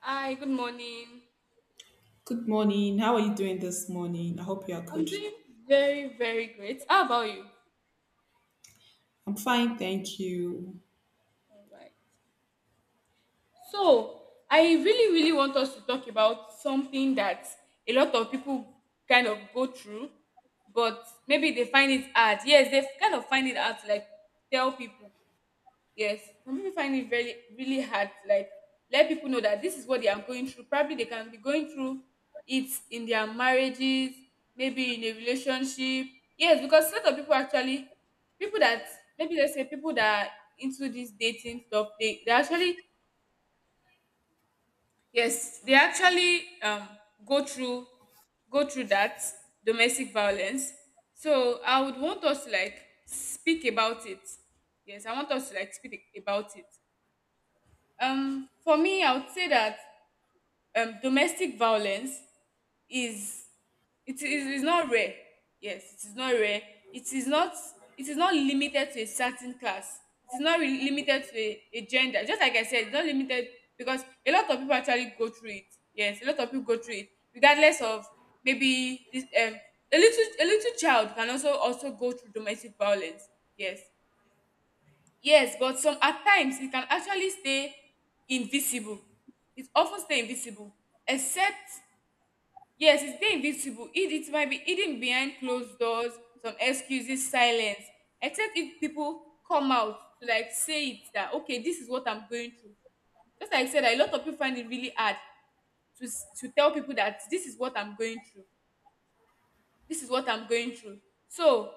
Hi, good morning. Good morning. How are you doing this morning? I hope you are I'm good. doing very, very great. How about you? I'm fine, thank you. All right. So, I really, really want us to talk about something that a lot of people kind of go through, but maybe they find it hard. Yes, they kind of find it hard to like tell people. Yes, some people find it very really hard to like let people know that this is what they are going through. Probably they can be going through it in their marriages, maybe in a relationship. Yes, because a lot of people actually, people that, maybe let's say people that are into this dating stuff, they actually, yes, they actually go through that domestic violence. So I would want us to like speak about it. Yes, I want us to like speak about it. For me, I would say that domestic violence is, it is not rare. Yes, it is not rare. It is not it is not limited to a certain class. It is not really limited to a gender. Just like I said, it's not limited, because a lot of people actually go through it. Yes, a lot of people go through it, regardless of, maybe this a little child can also go through domestic violence. Yes. Yes, but some at times it can actually stay invisible. It often stay invisible, except, yes, it stay invisible. It might be hidden behind closed doors, some excuses, silence. Except if people come out to like say it that, okay, this is what I'm going through. Just like I said, a lot of people find it really hard to tell people that this is what I'm going through. This is what I'm going through. So,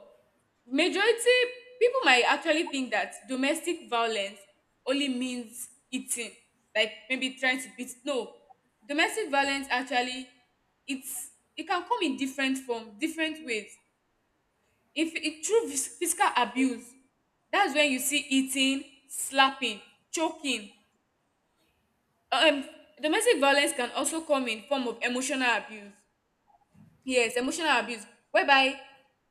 majority, people might actually think that domestic violence only means eating, like maybe trying to beat. No, domestic violence actually, it can come in different form, different ways. If it through physical abuse, that's when you see eating, slapping, choking. um Domestic violence can also come in form of emotional abuse. Yes, emotional abuse, whereby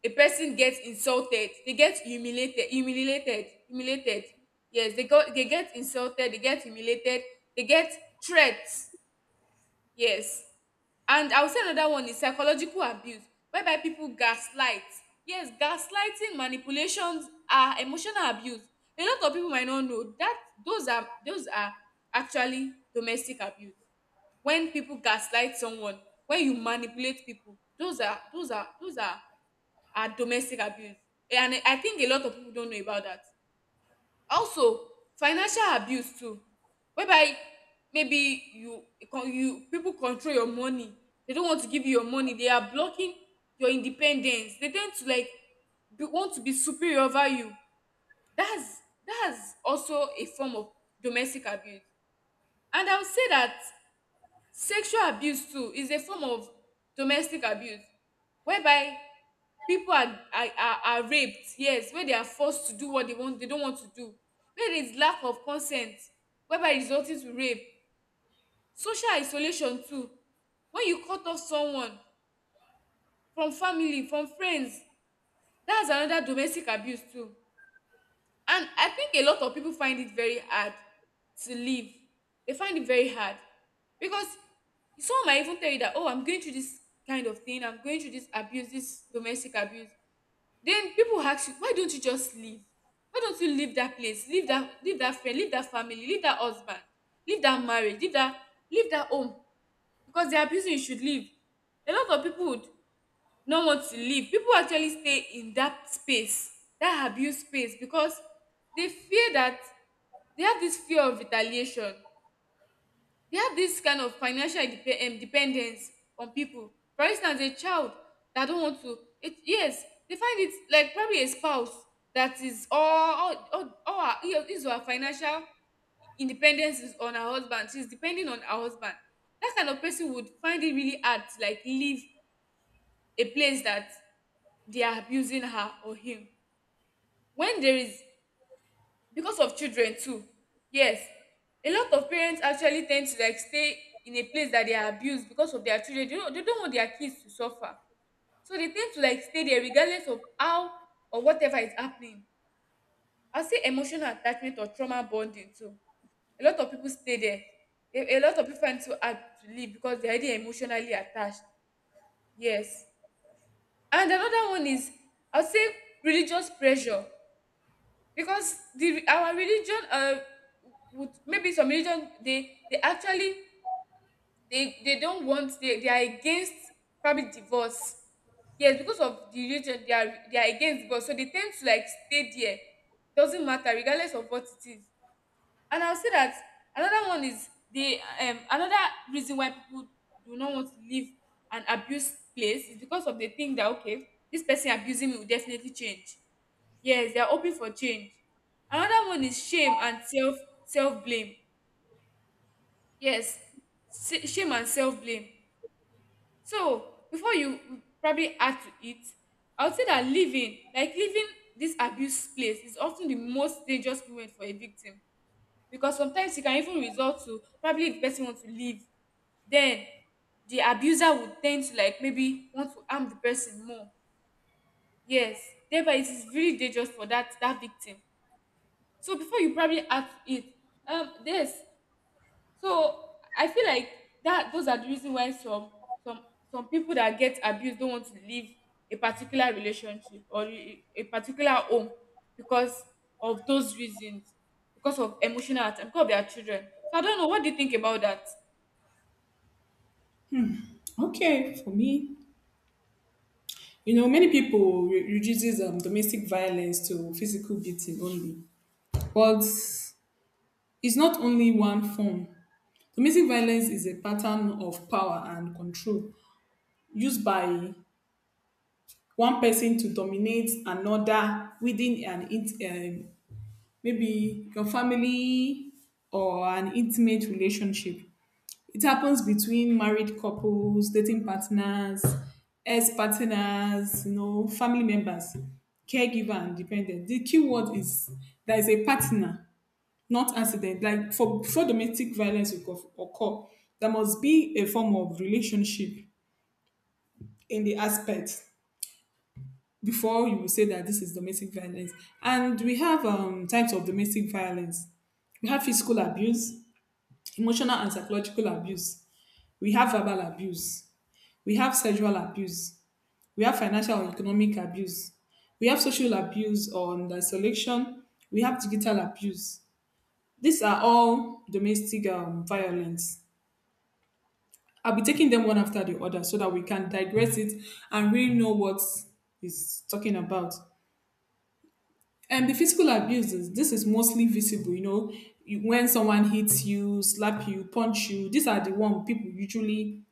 a person gets insulted, they get humiliated. Yes, they get insulted, they get humiliated, they get threats. Yes. And I will say another one is psychological abuse, whereby people gaslight. Yes, gaslighting, manipulations are emotional abuse. A lot of people might not know that those are actually domestic abuse. When people gaslight someone, when you manipulate people, those are domestic abuse. And I think a lot of people don't know about that. Also, financial abuse too, whereby, maybe you people control your money, they don't want to give you your money, they are blocking your independence, they tend to like want to be superior over you. That's that's also a form of domestic abuse. And I would say that sexual abuse too is a form of domestic abuse, whereby pipu are raped. Yes, wey they are forced to do what they want, they don't want to do, wey there is lack of consent, whereby resulting to rape. Social isolation too, when you cut off someone from family, from friends, dats another domestic abuse too. And I think a lot of people find it very hard to leave. They find it very hard because some might even tell you that, oh, I'm going through this kind of thing, I'm going through this abuse, this domestic abuse. Then people ask you, why don't you just leave? Why don't you leave that place? Leave that friend, leave that family, leave that husband, leave that marriage, leave that home. Because they're abusing, you should leave. A lot of people would not want to leave. People actually stay in that space, that abuse space, because they fear that, they have this fear of retaliation, they have this kind of financial dependence on people. For instance, a child that don't want to it, yes, they find it, like, probably a spouse that is all her, his her financial independence is on her husband, she's depending on her husband. That kind of person would find it really hard to like leave a place that they are abusing her or him, when there is because of children too. Yes, a lot of parents actually tend to like stay in a place that they are abused because of their children, they don't want their kids to suffer, so they tend to like stay there regardless of how or whatever is happening. I'll say emotional attachment or trauma bonding too, a lot of people stay there. A lot of people find it so hard to leave because they're already emotionally attached. Yes. And another one is, I'll say, religious pressure, because the our religion, would, maybe some religion, they actually, they don't want, they are against probably divorce. Yes, because of the religion, they are against divorce, so they tend to like stay there, doesn't matter, regardless of what it is. And I'll say that another one is the another reason why people do not want to leave an abuse place is because of the thing that, okay, this person abusing me will definitely change. Yes, they are hoping for change. Another one is shame and self blame. Yes, shame and self blame. So, before you probably add to it, I would say that leaving, like leaving this abuse place, is often the most dangerous moment for a victim, because sometimes it can even result to, probably the person want to leave, then the abuser would tend to like maybe want to harm the person more. Yes, thereby it is really dangerous for that victim. So before you probably act it, this. So I feel like that those are the reason why some some people that get abused don't want to leave a particular relationship or a particular home, because of those reasons, because of emotional attack, because of their children. So I don't know. What do you think about that? Okay, for me, you know, many people reduces domestic violence to physical beating only, but it's not only one form. Domestic violence is a pattern of power and control used by one person to dominate another within maybe your family or an intimate relationship. It happens between married couples, dating partners, ex partners, you know, family members, caregiver, and dependent. The key word is there is a partner, not accident. Like for before domestic violence will occur, there must be a form of relationship in the aspect before you will say that this is domestic violence. And we have types of domestic violence. We have physical abuse, emotional and psychological abuse. We have verbal abuse. We have sexual abuse. We have financial or economic abuse. We have social abuse on the selection. We have digital abuse. These are all domestic violence. I'll be taking them one after the other so that we can digress it and really know what is talking about. And the physical abuses, this is mostly visible, you know, when someone hits you, slap you, punch you, these are the one people usually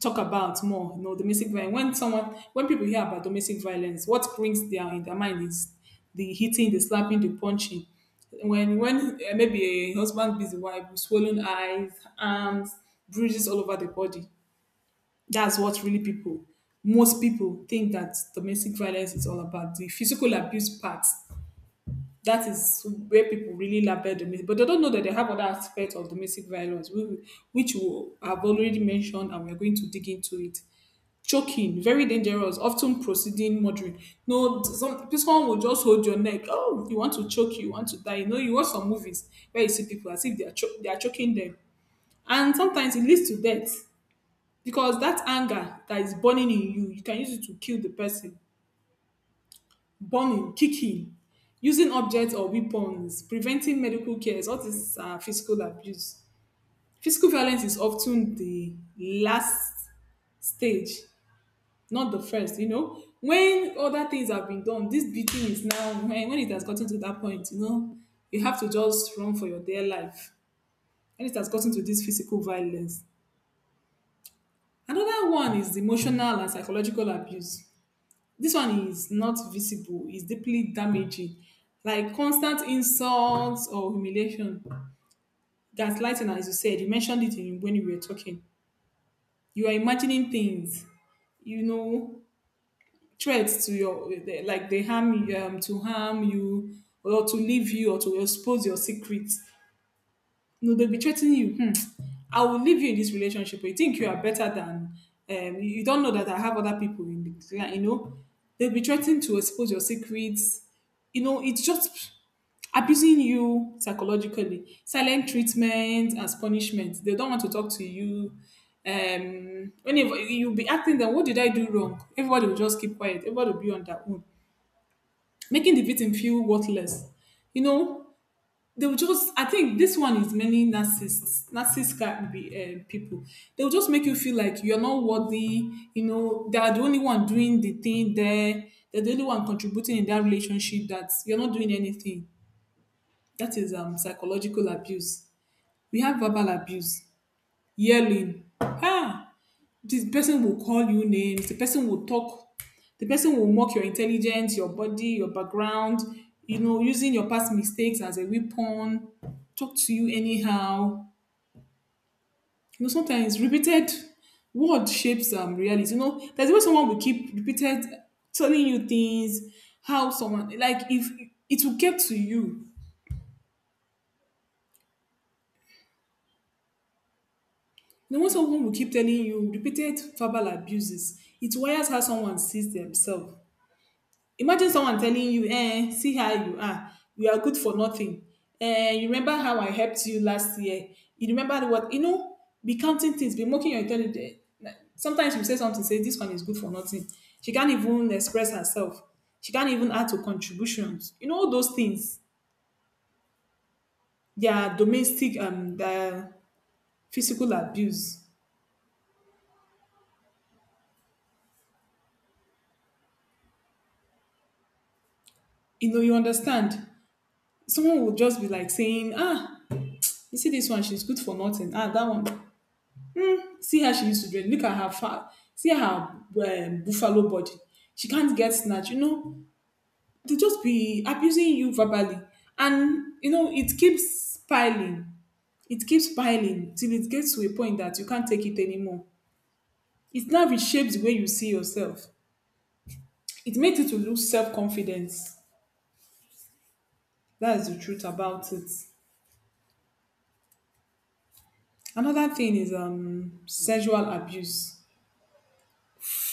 talk about more, you know, domestic violence. When someone, when people hear about domestic violence, what brings their in their mind is the hitting, the slapping, the punching. When maybe a husband beats the wife with swollen eyes, arms, bruises all over the body. That's what really people, most people think that domestic violence is all about the physical abuse part, that is where people really label domestic, but they don't know that they have other aspects of domestic violence, we which we have already mentioned, and we're going to dig into it. Choking, very dangerous, often proceeding murdering. No, some this one will just hold your neck. Oh, you want to choke, you want to die. You know, you watch some movies where you see people as if they are they are choking them, and sometimes it leads to death because that anger that is burning in you, you can use it to kill the person, burning, kicking, using objects or weapons, preventing medical cares, all these are physical abuse. Physical violence is often the last stage, not the first, you know. When other things have been done, this beating is now when it has gotten to that point, you know, you have to just run for your dear life. When it has gotten to this physical violence. Another one is the emotional and psychological abuse. This one is not visible, it's deeply damaging. Like constant insults or humiliation. Gaslighting, as you said, you mentioned it in, when you were talking. You are imagining things, you know, threats to your, like they harm you, to harm you, or to leave you, or to expose your secrets. No, they'll be treating you. Hmm. I will leave you in this relationship. You think you are better than you don't know that I have other people in the clan, you know. They'll be threatening to expose your secrets. You know, it's just abusing you psychologically. Silent treatment as punishment. They don't want to talk to you. Whenever you'll be asking them, what did I do wrong? Everybody will just keep quiet. Everybody will be on their own, making the victim feel worthless. You know, they will just, I think this one is many narcissists can be people, they'll just make you feel like you're not worthy, you know they are the only one doing the thing there, they're the only one contributing in that relationship, that you're not doing anything. That is psychological abuse. We have verbal abuse, yelling, ah, this person will call you names, the person will talk, the person will mock your intelligence, your body, your background, you know, using your past mistakes as a weapon, talk to you anyhow. You know, sometimes repeated word shapes reality. You know, there's always someone will keep repeated telling you things, how someone like if it will get to you. You know, when someone will keep telling you repeated verbal abuses, it wires how someone sees themselves. Imagine someone telling you, eh, see how you are. You are good for nothing. Eh, you remember how I helped you last year? You remember what? You know, be counting things, be mocking your intelligence. Sometimes you say something, say, this one is good for nothing. She can't even express herself. She can't even add to contributions. You know, all those things, they are domestic, they are physical abuse. You know, you understand. Someone will just be like saying, ah, you see this one, she's good for nothing. Ah, that one, see how she used to dress. Look at her fat. See her buffalo body. She can't get snatch. You know, they'll just be abusing you verbally. And, you know, it keeps piling. It keeps piling till it gets to a point that you can't take it anymore. It now reshapes the way you see yourself. It makes you to lose self-confidence. That is the truth about it. Another thing is sexual abuse.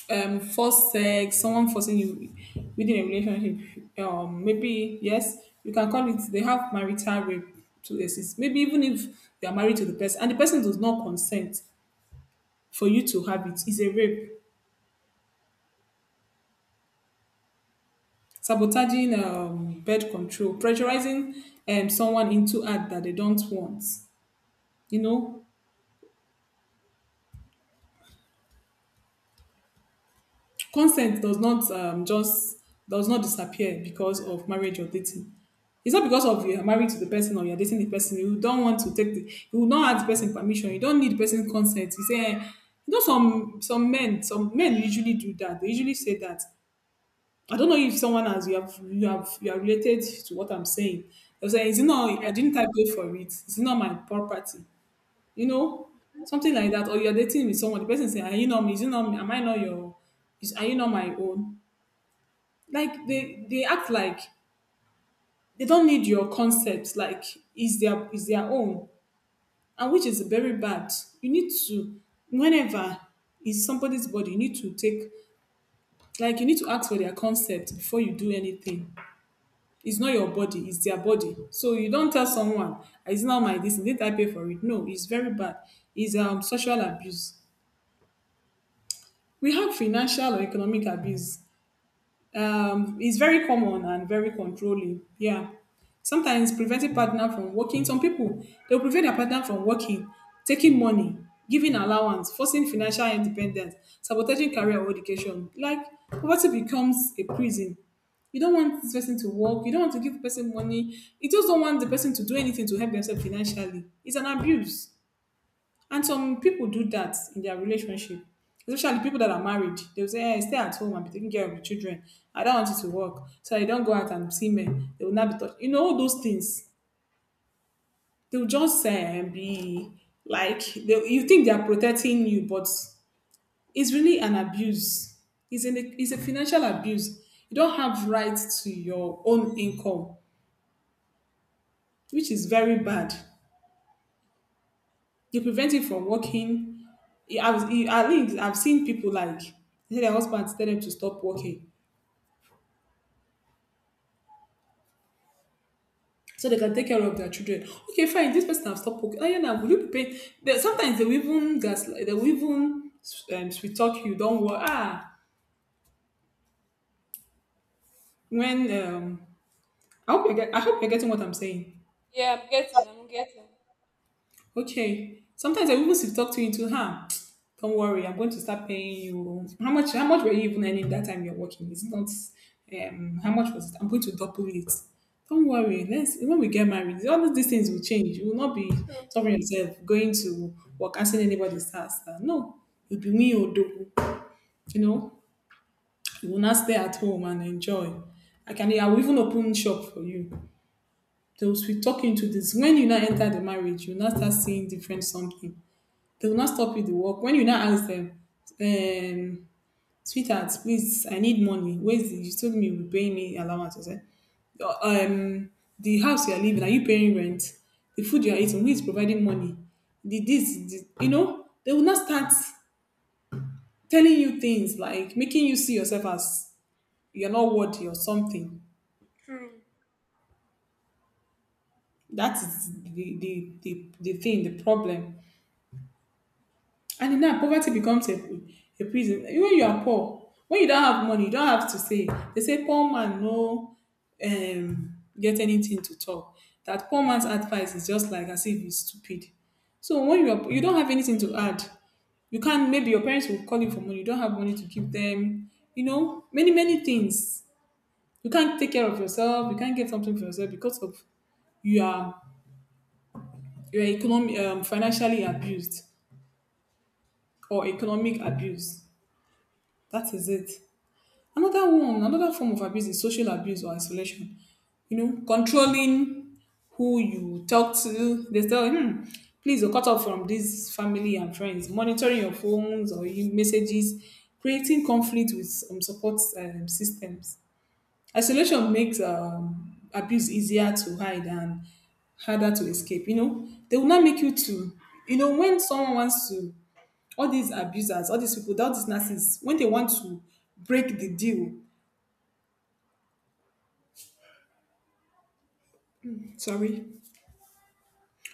Um, forced sex, someone forcing you within a relationship, maybe yes, you can call it, they have marital rape to exist. Maybe even if they are married to the person and the person does not consent for you to have it, is a rape. Sabotaging birth control, pressurizing someone into act that they don't want. You know, consent does not just does not disappear because of marriage or dating. It's not because of you're married to the person or you're dating the person. You don't want to take the, you will not ask the person permission. You don't need the person's consent. You say, eh, you know, some men, some men usually do that. They usually say that. I don't know if someone has, you have you are related to what I'm saying. They'll say, is it not Yeah, I didn't type pay for it. It's not my property. You know? Something like that. Or you're dating with someone, the person say, are you not me? Is it not me? Am I not your, is are you not my own? Like they act like they don't need your concept, like is their, is their own, and which is very bad. You need to, whenever it's somebody's body, you need to take, like you need to ask for their concept before you do anything. It's not your body, it's their body, so you don't tell someone, it's not my, this, did I pay for it? No, it's very bad. It's social abuse. We have financial or economic abuse. Um, it's very common and very controlling. Yeah. Sometimes preventing partner from working. Some people they'll prevent their partner from working, taking money, giving allowance, forcing financial independence, sabotaging career or education. Like poverty becomes a prison. You don't want this person to work. You don't want to give the person money. You just don't want the person to do anything to help themselves financially. It's an abuse. And some people do that in their relationship, especially people that are married. They'll say, hey, stay at home and be taking care of the children. I don't want you to work. So I don't go out and see men. They will not be touched. You know, all those things. They'll just be like, they, you think they are protecting you, but it's really an abuse. It's, an, it's a financial abuse. You don't have rights to your own income, which is very bad. They prevent you from working. I was, at least I've seen people like, they say their husbands tell them to stop working so they can take care of their children. Okay, fine, this person has stopped working. Oh, yeah, now, will you be paying? They, sometimes they will even gaslight, they will even sweet talk you, don't worry. Ah, when, I hope, you get, I hope you're getting what I'm saying. yeah, I'm getting. I'm getting. Okay. Sometimes I even to talk to you into her. Don't worry, I'm going to start paying you. How much? How much were you even earning that time you're working? It's not. How much was it? I'm going to double it. Don't worry. Let's when we get married, all of these things will change. You will not be suffering yourself going to work asking anybody task. No, you'll be me or Odo. You know, you will not stay at home and enjoy. I can. I will even open shop for you. They will be talking to this. When you now enter the marriage, you now start seeing different something, they will not stop you the work. When you now ask them, um, sweetheart, please, I need money. Where's you told me you were paying me allowance. I said, "Oh, the house you are living, are you paying rent? The food you are eating, who is providing money? The this, the, you know, they will not start telling you things like making you see yourself as you're not worthy or something. True. That is the thing, the problem. And now poverty becomes a prison. When you are poor, when you don't have money, you don't have to say. They say poor man no get anything to talk. That poor man's advice is just like as if he's stupid. So when you are, you don't have anything to add. You can not maybe your parents will call you for money. You don't have money to give them. You know many many things. You can't take care of yourself. You can't get something for yourself because of you are you are economic financially abused or economic abuse. That is it. Another one, another form of abuse is social abuse or isolation. You know, controlling who you talk to. They tell you, please oh, cut off from this family and friends. Monitoring your phones or your messages, creating conflict with support systems. Isolation makes abuse easier to hide and harder to escape. You know, they will not make you to. You know, when someone wants to, all these abusers, all these people, all these narcissists, when they want to break the deal. Sorry.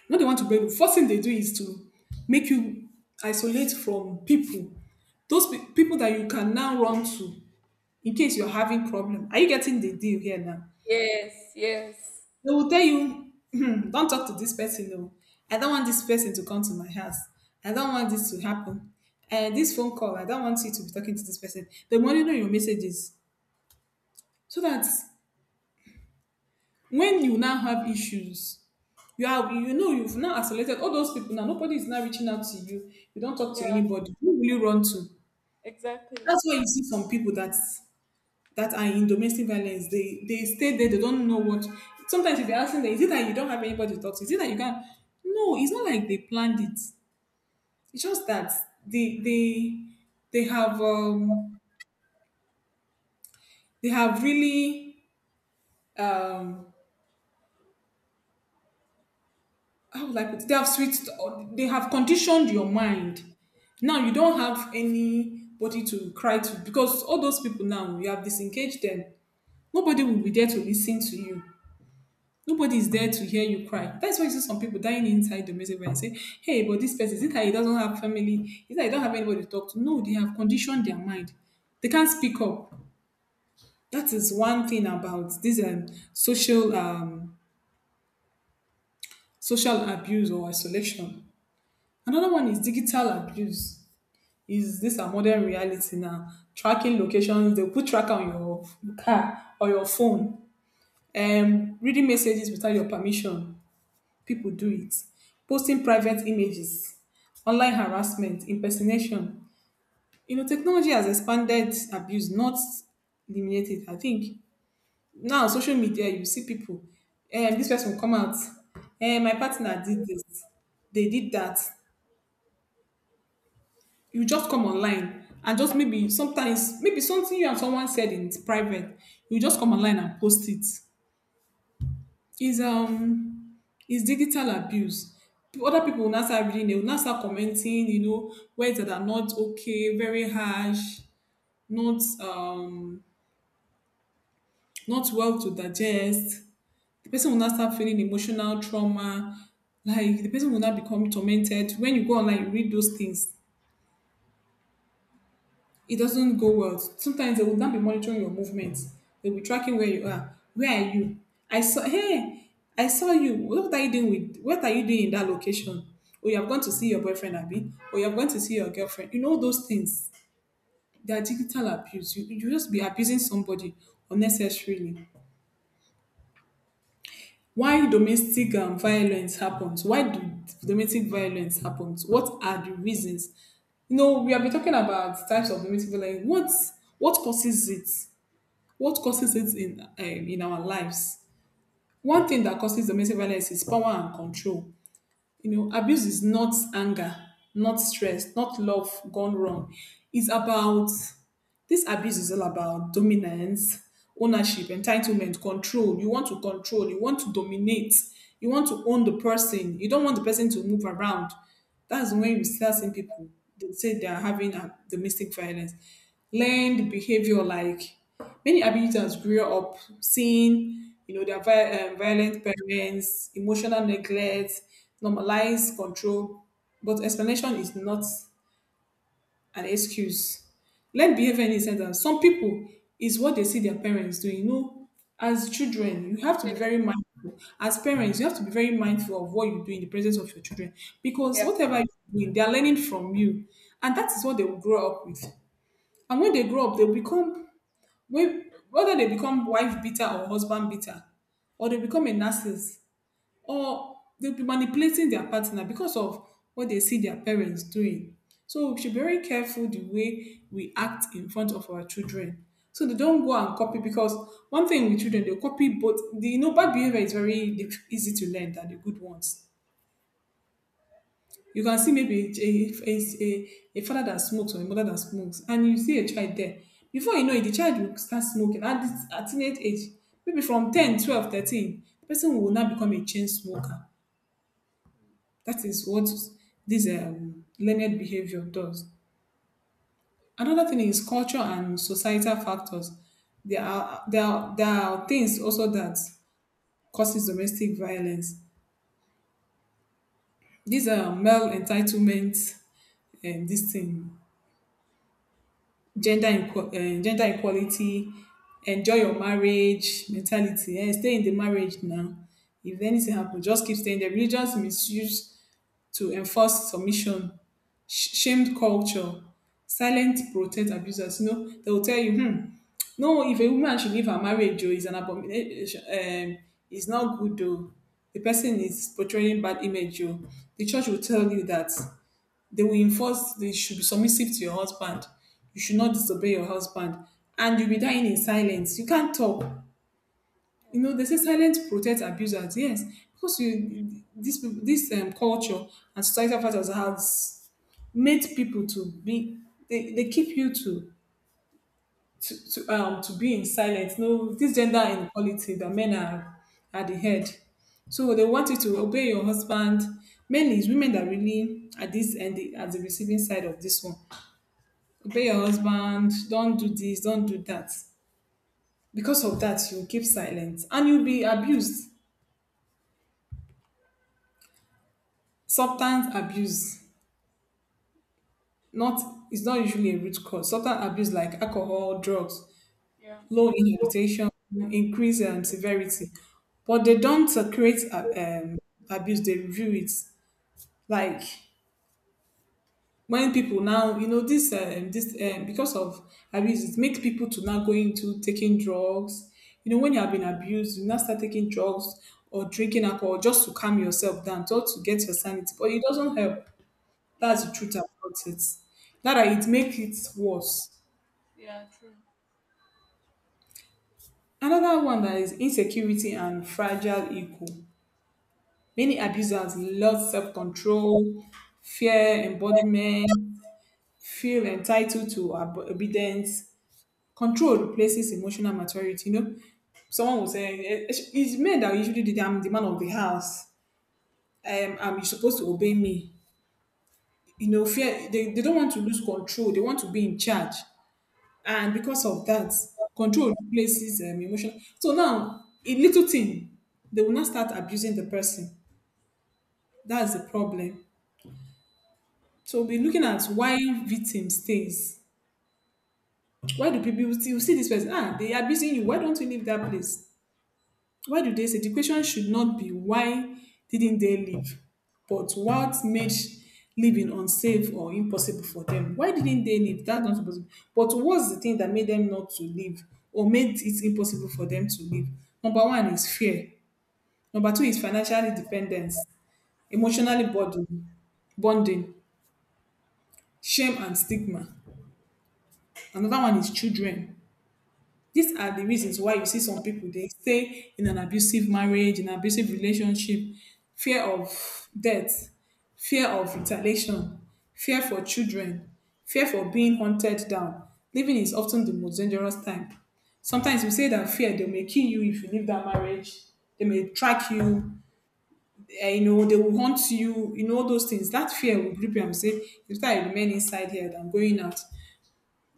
Not the one to blame. You. First thing they do is to make you isolate from people. Those people that you can now run to in case you're having problem. Are you getting the deal here now? Yes. Yes. They will tell you, "Hmm, don't talk to this person. No. I don't want this person to come to my house. I don't want this to happen. And this phone call, I don't want you to be talking to this person. They monitor your messages so that when you now have issues, you are you know you've now isolated all those people. Now nobody is now reaching out to you. You don't talk to Yeah. anybody. Who will you run to? Exactly. That's why you see some people that are in domestic violence, they stay there, they don't know what. Sometimes if you're asking them, is it that you don't have anybody to talk to, is it that you can't? No, it's not like they planned it. It's just that they they they have they have really um how will I put it? They have switched, they have conditioned your mind. Now you don't have anybody to cry to because all those people now, you have disengaged them. Nobody will be there to listen to you. Nobody is there to hear you cry. That's why you see some people dying inside the music and say, hey, but this person, is it that he doesn't have family? Is it that he don't have anybody to talk to? No, they have conditioned their mind. They can't speak up. That is one thing about this social um, social abuse or isolation. Another one is digital abuse. Is this a modern reality now? Tracking locations, they put tracker on your car or your phone. Reading messages without your permission, people do it. Posting private images, online harassment, impersonation. You know, technology has expanded abuse, not eliminated. I think now social media, you see people. This person will come out. My partner did this. They did that. You just come online and just maybe sometimes maybe something you and someone said in private, you just come online and post it is um is digital abuse. Other people will not start reading, they will not start commenting, words that are not okay, very harsh, not um not well to digest. The person will not start feeling emotional trauma. Like the person will not become tormented. When you go online you read those things, it doesn't go well. Sometimes they would not be monitoring your movements. They'll be tracking where you are. Where are you? I saw, hey, I saw you. What are you doing in that location? Or you have gone to see your boyfriend, Abby, or you have gone to see your girlfriend. You know those things. They are digital abuse. You just be abusing somebody unnecessarily. Why domestic violence happens? Why do domestic violence happens? What are the reasons? You know, we have been talking about types of domestic violence. What causes it? What causes it in our lives? One thing that causes domestic violence is power and control. You know, abuse is not anger, not stress, not love gone wrong. It's about This abuse is all about dominance, ownership, entitlement, control. You want to control, you want to dominate, you want to own the person, you don't want the person to move around. That's when you start seeing people that say they are having a domestic violence. Learned behavior, like many abusers grew up seeing, you know, their violent parents, emotional neglect, normalized control, but explanation is not an excuse. Learn behavior in a sentence. Some people is what they see their parents doing. You know, as children, you have to be Yes. very mindful. As parents, you have to be very mindful of what you do in the presence of your children, because Yeah. whatever you do, they are learning from you, and that is what they will grow up with. And when they grow up, they'll become, whether they become wife beater or husband beater, or they become a narcissist, or they'll be manipulating their partner because of what they see their parents doing. So we should be very careful the way we act in front of our children, so they don't go and copy. Because one thing with children, they copy both. Bad behavior is very easy to learn than the good ones. You can see maybe a father that smokes or a mother that smokes, and you see a child there. Before you know it, the child will start smoking at teenage age, maybe from 10, 12, 13. The person will now become a chain smoker. That is what this learned behavior does. Another thing is culture and societal factors. There are things also that causes domestic violence. These are male entitlement, and this thing, gender equality, enjoy your marriage mentality. Stay in the marriage now. If anything happens, just keep staying there. Religious misuse to enforce submission, shamed culture, silent protect abusers. You know, they will tell you, no, if a woman should leave her marriage, oh, it's an abomination. It's not good, though. The person is portraying bad image, oh. The church will tell you that they will enforce, they should be submissive to your husband. You should not disobey your husband. And you'll be dying in silence. You can't talk. You know, they say silence protect abusers. Yes, because you this peop- this culture and societal factors has made people to be, they keep you to be in silence. No, this gender inequality that men are at the head. So they want you to obey your husband. Mainly, it's women that really at this end, at the receiving side of this one. Obey your husband. Don't do this. Don't do that. Because of that, you keep silent and you'll be abused. Substance abuse, not, is not usually a root cause. Substance abuse like alcohol, drugs, Yeah. low inhibition, increase severity, but they don't create abuse, they review it. Like when people now, you know, this this because of abuse, it makes people to now go into taking drugs. You know, when you have been abused, you now start taking drugs or drinking alcohol just to calm yourself down, just to get your sanity, but it doesn't help. Yeah. That's the truth about it. Not that it makes it worse. Yeah. True. Another one that is insecurity and fragile ego. Many abusers lose self-control, fear embodiment, feel entitled to obedience. Control replaces emotional maturity. You know, someone will say, It's men that usually do that. I'm the man of the house. I'm you're supposed to obey me." You know, fear. They don't want to lose control. They want to be in charge. And because of that, control replaces emotion. So now, a little thing, they will not start abusing the person. That's the problem. So we'll be looking at why victim stays. Why do people still see this person? Ah, they are abusing you. Why don't you leave that place? Why do they say the question should not be why didn't they leave, but what made living unsafe or impossible for them? Why didn't they leave? That's not supposed to be. But what's the thing that made them not to leave or made it impossible for them to leave? Number one is fear. Number two is financial dependence, Yeah. emotionally burden, bonding, shame and stigma. Another one is children. These are the reasons why you see some people they stay in an abusive marriage, in an abusive relationship, fear of death, fear of retaliation, fear for children, fear for being hunted down. Living is often the most dangerous time. Sometimes we say that fear they may kill you if you leave that marriage. They may track you. You know, they will hunt you. You know all those things. That fear will grip you and say, "If I remain inside here, than going out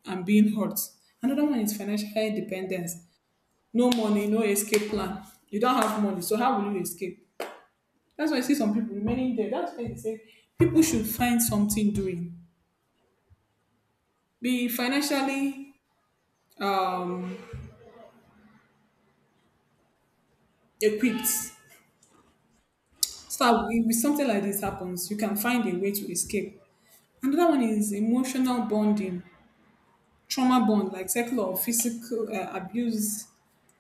and being hurt." Another one is financial independence. No money, no escape plan. You don't have money, so how will you escape? That's why I see some people remaining there. That's why they say people should find something doing. Be financially um, equipped. So if something like this happens, you can find a way to escape. Another one is emotional bonding. Trauma bond like sexual or physical abuse,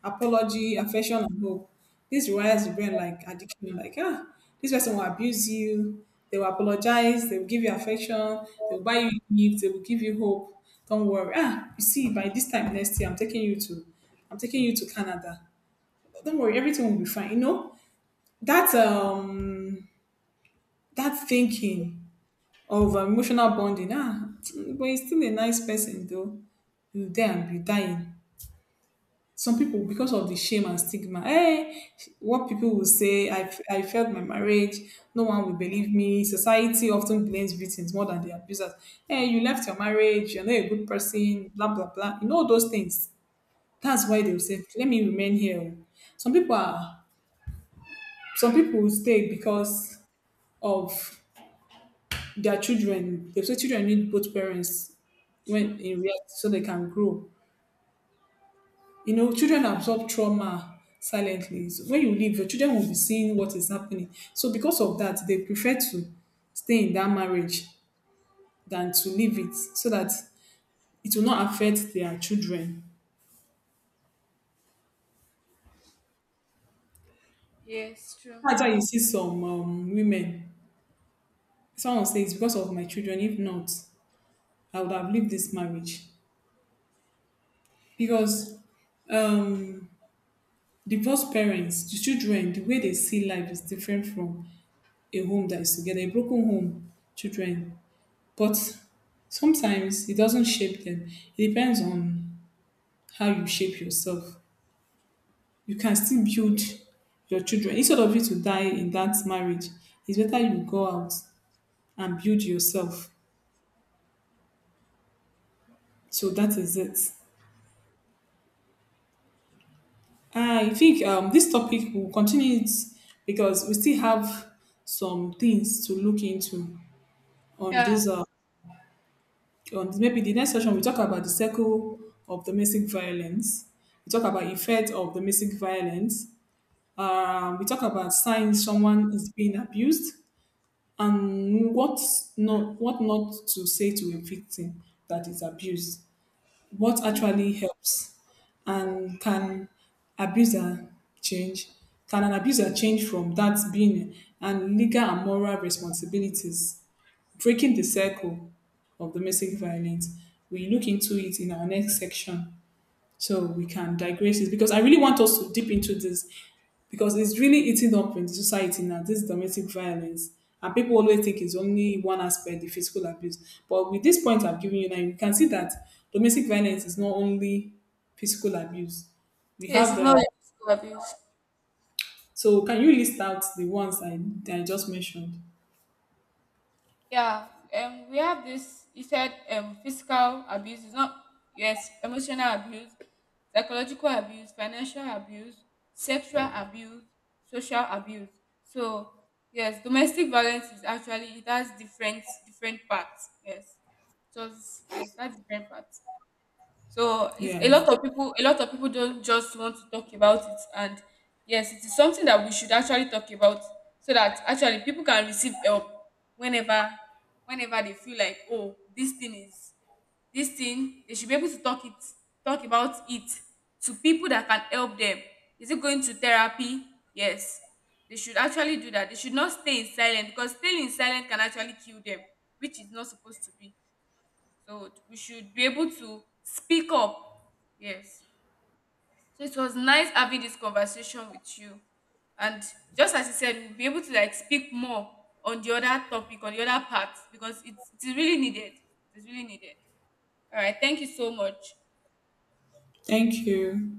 apology, affection and hope. This rewires the brain like addiction, like ah, this person will abuse you, they will apologize, they will give you affection, they will buy you gifts, they will give you hope. Don't worry, ah, you see, by this time next year, I'm taking you to I'm taking you to canada Don't worry, everything will be fine. That that thinking of emotional bonding, ah, but he's still a nice person though. You there and be dying. Some people, because of the shame and stigma, hey, what people will say, I failed my marriage, no one will believe me. Society often blames victims more than the abusers. Hey, you left your marriage, you're not a good person, blah blah blah, you know those things. That's why they will say let me remain here. Some people are, some people will stay because of their children. They say children need both parents, when True. in reality so they can grow. You know, children absorb trauma silently. So when you leave, your children will be seeing what is happening. So because of that, they prefer to stay in that marriage than to leave it so that it will not affect their children. Yes, true. That's why you see some women. Someone says, because of my children, if not, I would have lived this marriage. Because um, divorced parents, the children, the way they see life is different from a home that is together. A broken home, children. But sometimes it doesn't shape them. It depends on how you shape yourself. You can still build your children. Instead of you to die in that marriage, it's better you go out and build yourself. So that is it. I think this topic will continue it, because we still have some things to look into on Yeah. this. On maybe the next session we talk about the circle of domestic violence. We talk about effect of domestic violence. We talk about signs someone is being abused and what not to say to a victim that is abused. What actually helps, and can abuser change? Can an abuser change from that being, and legal and moral responsibilities? Breaking the circle of domestic violence. We look into it in our next section. So we can digress it because I really want us to dip into this, because it's really eating up in society now, this domestic violence. And people always think it's only one aspect, the physical abuse. But with this point I've given you now, you can see that domestic violence is not only physical abuse. We Yes, have, it's not physical abuse. so can you list out the ones that I just mentioned? Yeah. We have this. You said physical abuse is not. Yes, emotional abuse, psychological abuse, financial abuse, sexual abuse, social abuse. So, yes, domestic violence is actually, it has different parts. Yes. So, yes, that's different parts. So, it's a Yes. lot of people a lot of people don't just want to talk about it. And yes, it is something that we should actually talk about, so that actually people can receive help whenever, they feel like, oh, this thing they should be able to talk about it to people that can help them. Is it going to therapy? Yes, they should actually do that. They should not stay in silence because staying in silence can actually kill them, which is not supposed to be. So we should be able to speak up. Yes. So it was nice having this conversation with you. And just as you said, we'll be able to like speak more on the other topic, on the other part, because it's really needed. It's really needed. All right. Thank you so much. Thank you.